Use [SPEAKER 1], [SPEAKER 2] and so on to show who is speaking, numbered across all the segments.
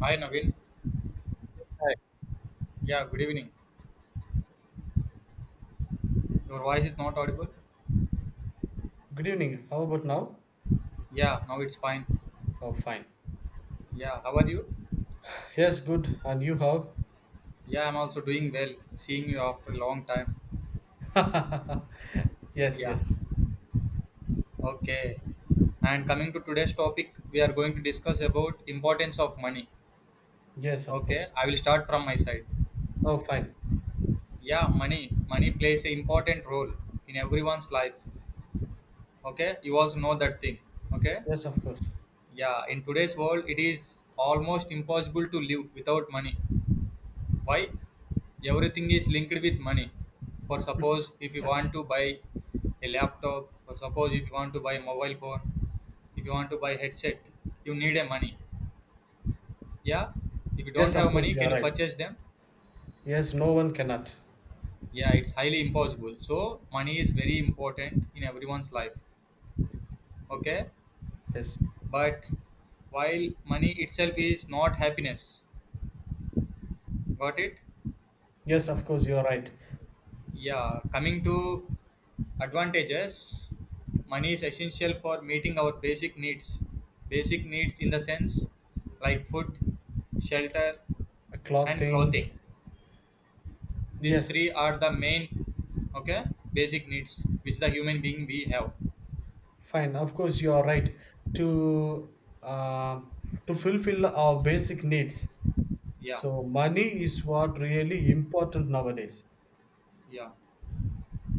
[SPEAKER 1] Hi Naveen.
[SPEAKER 2] Hi.
[SPEAKER 1] Yeah, good evening. Your voice is not audible.
[SPEAKER 2] Good evening. How about now?
[SPEAKER 1] Yeah, now it's fine.
[SPEAKER 2] Oh, fine.
[SPEAKER 1] Yeah, how are you?
[SPEAKER 2] Yes, good. And you how?
[SPEAKER 1] Yeah, I'm also doing well. Seeing you after a long time.
[SPEAKER 2] Yes,
[SPEAKER 1] Yeah.
[SPEAKER 2] yes.
[SPEAKER 1] Okay. And coming to today's topic, we are going to discuss about importance of money.
[SPEAKER 2] Yes, of
[SPEAKER 1] Okay,
[SPEAKER 2] course.
[SPEAKER 1] I will start from my side.
[SPEAKER 2] Oh, fine.
[SPEAKER 1] Yeah, money Money plays an important role in everyone's life. Okay, you also know that thing. Okay.
[SPEAKER 2] Yes, of course.
[SPEAKER 1] Yeah, in today's world, it is almost impossible to live without money. Why? Everything is linked with money. For suppose, if you want to buy a laptop, or suppose if you want to buy mobile phone, if you want to buy headset, you need a money. Yeah, if you don't
[SPEAKER 2] Yes, of
[SPEAKER 1] have
[SPEAKER 2] course,
[SPEAKER 1] money,
[SPEAKER 2] you
[SPEAKER 1] can
[SPEAKER 2] are
[SPEAKER 1] you
[SPEAKER 2] right.
[SPEAKER 1] purchase them?
[SPEAKER 2] Yes, no one cannot.
[SPEAKER 1] Yeah, it's highly impossible, so money is very important in everyone's life. Okay.
[SPEAKER 2] Yes.
[SPEAKER 1] But while money itself is not happiness, got it?
[SPEAKER 2] Yes, of course, you are right.
[SPEAKER 1] Yeah, coming to advantages, money is essential for meeting our basic needs. Basic needs in the sense like food, shelter,
[SPEAKER 2] A clock
[SPEAKER 1] and
[SPEAKER 2] thing.
[SPEAKER 1] clothing. These
[SPEAKER 2] Yes,
[SPEAKER 1] three are the main, okay, basic needs which the human being we have.
[SPEAKER 2] fine. Of course, you are right. To uh, to fulfill our basic needs.
[SPEAKER 1] Yeah,
[SPEAKER 2] So money is what really important nowadays.
[SPEAKER 1] yeah,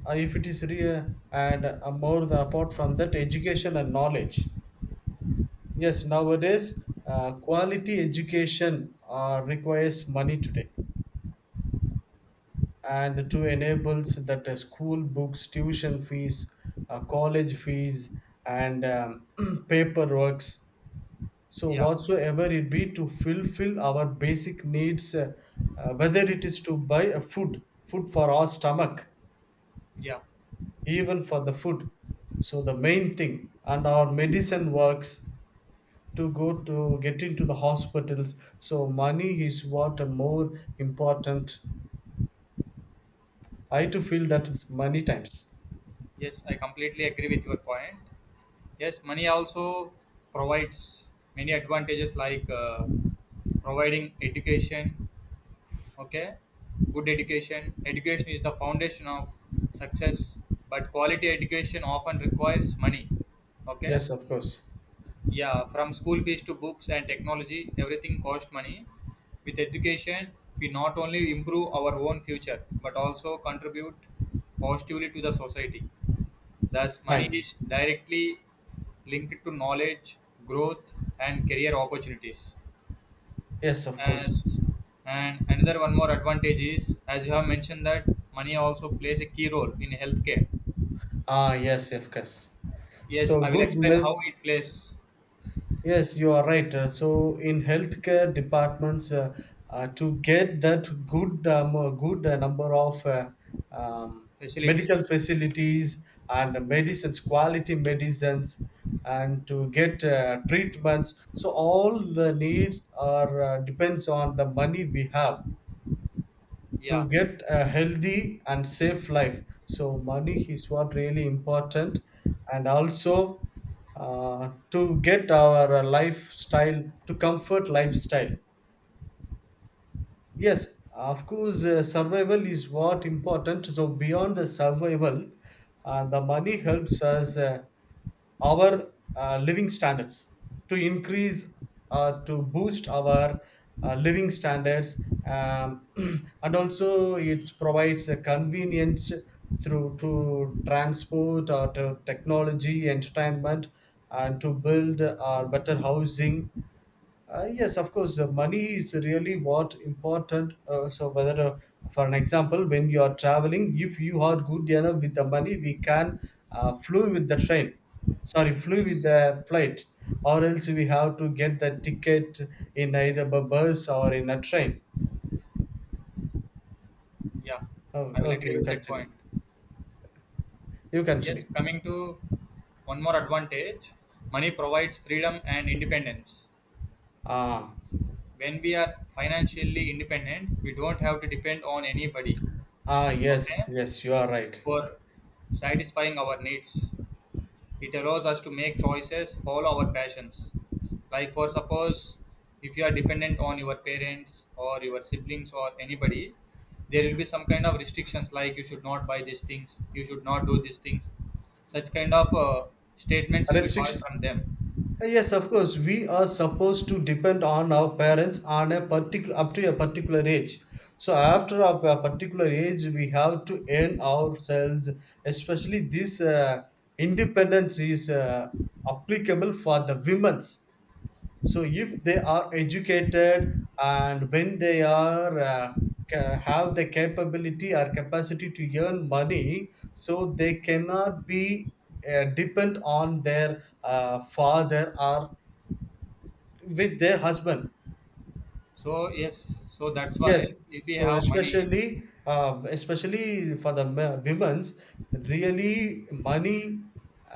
[SPEAKER 2] If it is real and more than apart from that education and knowledge. Yes, nowadays quality education requires money today, and to enables that school books, tuition fees, college fees, and paperworks. So
[SPEAKER 1] yeah,
[SPEAKER 2] whatsoever it be to fulfill our basic needs. Whether it is to buy a food for our stomach,
[SPEAKER 1] yeah.
[SPEAKER 2] even for the food. So the main thing, and our medicine works, to go to get into the hospitals. So money is what a more important. I to feel that many times.
[SPEAKER 1] Yes, I completely agree with your point. Yes, money also provides many advantages like providing education. Okay, good education is the foundation of success, but quality education often requires money. Okay.
[SPEAKER 2] Yes, of course.
[SPEAKER 1] Yeah, from school fees to books and technology, everything costs money. With education, we not only improve our own future but also contribute positively to the society. Thus money
[SPEAKER 2] Fine.
[SPEAKER 1] is directly linked to knowledge, growth, and career opportunities.
[SPEAKER 2] Yes, of course.
[SPEAKER 1] As and another one more advantage is, as you have mentioned, that money also plays a key role in healthcare.
[SPEAKER 2] Ah, yes, of course.
[SPEAKER 1] Yes,
[SPEAKER 2] So
[SPEAKER 1] I will
[SPEAKER 2] good
[SPEAKER 1] explain
[SPEAKER 2] milk.
[SPEAKER 1] how it plays
[SPEAKER 2] Yes, you are right. So in healthcare departments, to get that good number of um,
[SPEAKER 1] facilities.
[SPEAKER 2] medical facilities and medicines, quality medicines, and to get treatments, so all the needs are depends on the money we have
[SPEAKER 1] Yeah,
[SPEAKER 2] to get a healthy and safe life. So money is what really important, and also to get our lifestyle to comfort lifestyle. Yes, of course, survival is what important. So beyond the survival, the money helps us our living standards to increase, to boost our living standards. um, and also it provides a convenience through to transport or to technology entertainment, and to build better housing. Yes, of course, money is really what important. So, whether for an example, when you are traveling, if you are good enough with the money, we can flew with the train. Sorry, flew with
[SPEAKER 1] yes,
[SPEAKER 2] the flight, or else we have to get the ticket in either a bus or in a train.
[SPEAKER 1] yeah,
[SPEAKER 2] Oh,
[SPEAKER 1] I will
[SPEAKER 2] okay,
[SPEAKER 1] agree
[SPEAKER 2] you
[SPEAKER 1] with that
[SPEAKER 2] continue.
[SPEAKER 1] point.
[SPEAKER 2] You
[SPEAKER 1] Yes,
[SPEAKER 2] continue.
[SPEAKER 1] coming to one more advantage, money provides freedom and independence.
[SPEAKER 2] Ah,
[SPEAKER 1] When we are financially independent, we don't have to depend on anybody,
[SPEAKER 2] ah,
[SPEAKER 1] okay,
[SPEAKER 2] yes, yes, you are right.
[SPEAKER 1] for satisfying our needs. It allows us to make choices, follow our passions. Like, for suppose, if you are dependent on your parents or your siblings or anybody, there will be some kind of restrictions like you should not buy these things, you should not do these things. Such kind of statements will be passed
[SPEAKER 2] Restriction.
[SPEAKER 1] from them.
[SPEAKER 2] Yes, of course, we are supposed to depend on our parents on a particular, up to a particular age. So after a particular age, we have to earn ourselves. Especially this independence is applicable for the women's. So if they are educated and when they are have the capability or capacity to earn money, so they cannot be depend on their father or with their husband.
[SPEAKER 1] So, yes, so that's
[SPEAKER 2] Yes,
[SPEAKER 1] why if we
[SPEAKER 2] so
[SPEAKER 1] have money,
[SPEAKER 2] especially for the women's, really money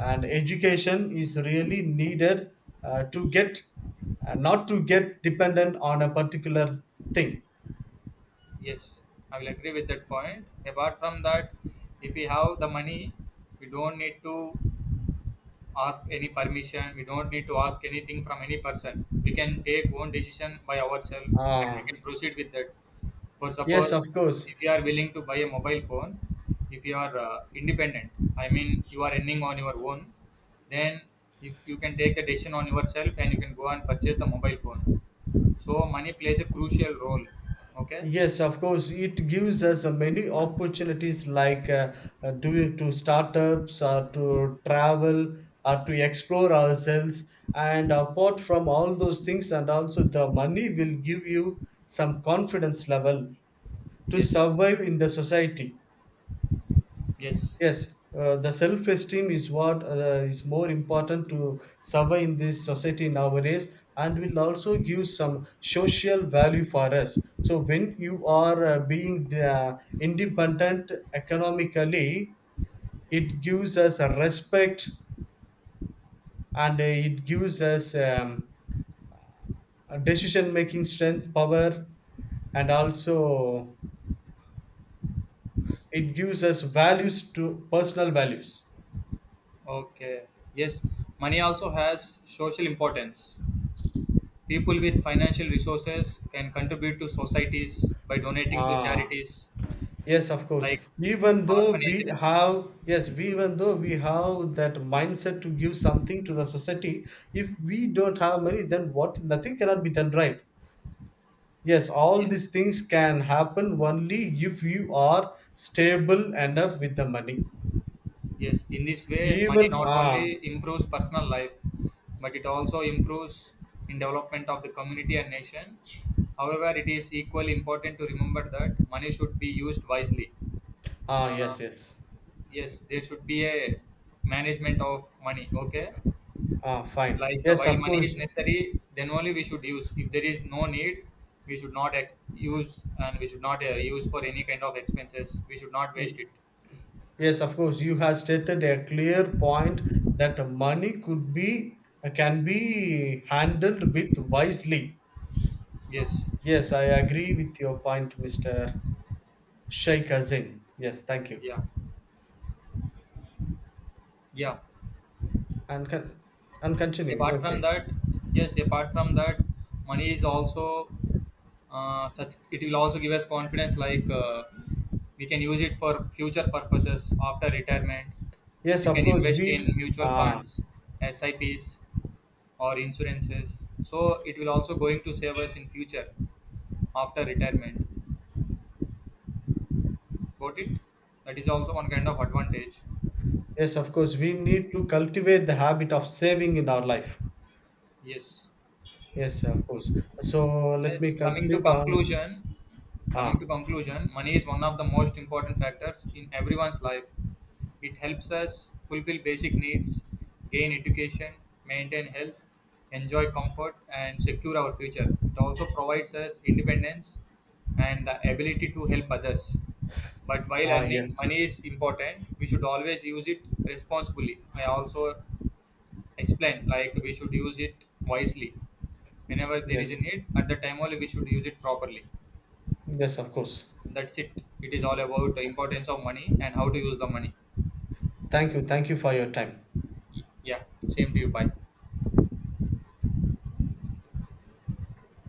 [SPEAKER 2] and education is really needed to get not to get dependent on a particular thing.
[SPEAKER 1] yes, I will agree with that point. Apart from that, if we have the money, we don't need to ask any permission. We don't need to ask anything from any person. We can take own decision by ourselves and we
[SPEAKER 2] uh,
[SPEAKER 1] can proceed with that. For
[SPEAKER 2] yes,
[SPEAKER 1] suppose,
[SPEAKER 2] of course.
[SPEAKER 1] if you are willing to buy a mobile phone, if you are independent, I mean you are earning on your own, then you can take the decision on yourself and you can go and purchase the mobile phone. So money plays a crucial role. Okay.
[SPEAKER 2] Yes, of course, it gives us many opportunities, like doing to startups or to travel or to explore ourselves. And apart from all those things, and also the money will give you some confidence level to
[SPEAKER 1] Yes.
[SPEAKER 2] survive in the society.
[SPEAKER 1] Yes.
[SPEAKER 2] Yes, the self-esteem is what is more important to survive in this society nowadays, and will also give some social value for us. So when you are being independent economically, it gives us a respect, and it gives us a decision-making strength, power, and also it gives us values to personal values.
[SPEAKER 1] Okay. Yes. Money also has social importance. People with financial resources can contribute to societies by donating to
[SPEAKER 2] Ah.
[SPEAKER 1] charities
[SPEAKER 2] Yes, of course.
[SPEAKER 1] like
[SPEAKER 2] Even though we
[SPEAKER 1] orphanages.
[SPEAKER 2] have, yes, even though we have that mindset to give something to the society, if we don't have money, then what? Nothing cannot be done right. Yes, all
[SPEAKER 1] Yes,
[SPEAKER 2] these things can happen only if you are stable enough with the money.
[SPEAKER 1] yes. In this way, money
[SPEAKER 2] Even.
[SPEAKER 1] not
[SPEAKER 2] Ah,
[SPEAKER 1] only improves personal life, but it also improves in development of the community and nation. However, it is equally important to remember that money should be used wisely.
[SPEAKER 2] ah,
[SPEAKER 1] Uh,
[SPEAKER 2] yes, yes.
[SPEAKER 1] yes, there should be a management of money. Okay.
[SPEAKER 2] Ah, fine.
[SPEAKER 1] Like
[SPEAKER 2] Yes,
[SPEAKER 1] while
[SPEAKER 2] of
[SPEAKER 1] money is
[SPEAKER 2] course.
[SPEAKER 1] necessary, then only we should use. If there is no need, we should not use and we should not use for any kind of expenses. We should not waste
[SPEAKER 2] Y-
[SPEAKER 1] it.
[SPEAKER 2] yes, of course, you have stated a clear point that money could be can be handled with wisely.
[SPEAKER 1] Yes.
[SPEAKER 2] Yes, I agree with your point, Mr. Sheikh Azim. Yes, thank you.
[SPEAKER 1] Yeah. Yeah.
[SPEAKER 2] And con- and continue.
[SPEAKER 1] Apart from
[SPEAKER 2] Okay.
[SPEAKER 1] that, yes. Apart from that, money is also such. It will also give us confidence. Like we can use it for future purposes after retirement.
[SPEAKER 2] Yes,
[SPEAKER 1] We
[SPEAKER 2] of
[SPEAKER 1] can
[SPEAKER 2] course,
[SPEAKER 1] invest
[SPEAKER 2] we
[SPEAKER 1] in mutual
[SPEAKER 2] ah
[SPEAKER 1] funds, SIPs or insurances. So it will also going to save us in future after retirement. Got it? That is also one kind of advantage.
[SPEAKER 2] yes, of course, we need to cultivate the habit of saving in our life.
[SPEAKER 1] Yes.
[SPEAKER 2] Yes, of course. So let me
[SPEAKER 1] Yes, coming to
[SPEAKER 2] conclude on.
[SPEAKER 1] conclusion, coming
[SPEAKER 2] Ah,
[SPEAKER 1] to conclusion, money is one of the most important factors in everyone's life. It helps us fulfill basic needs, gain education, maintain health, enjoy comfort, and secure our future. It also provides us independence and the ability to help others. But while
[SPEAKER 2] ah,
[SPEAKER 1] earning
[SPEAKER 2] yes,
[SPEAKER 1] money is important, we should always use it responsibly. I also explain, like, we should use it wisely. Whenever there is a
[SPEAKER 2] yes.
[SPEAKER 1] need, at the time only we should use it properly.
[SPEAKER 2] Yes, of course.
[SPEAKER 1] That's it. It is all about the importance of money and how to use the money.
[SPEAKER 2] Thank you for your time.
[SPEAKER 1] Yeah, same to you, bye.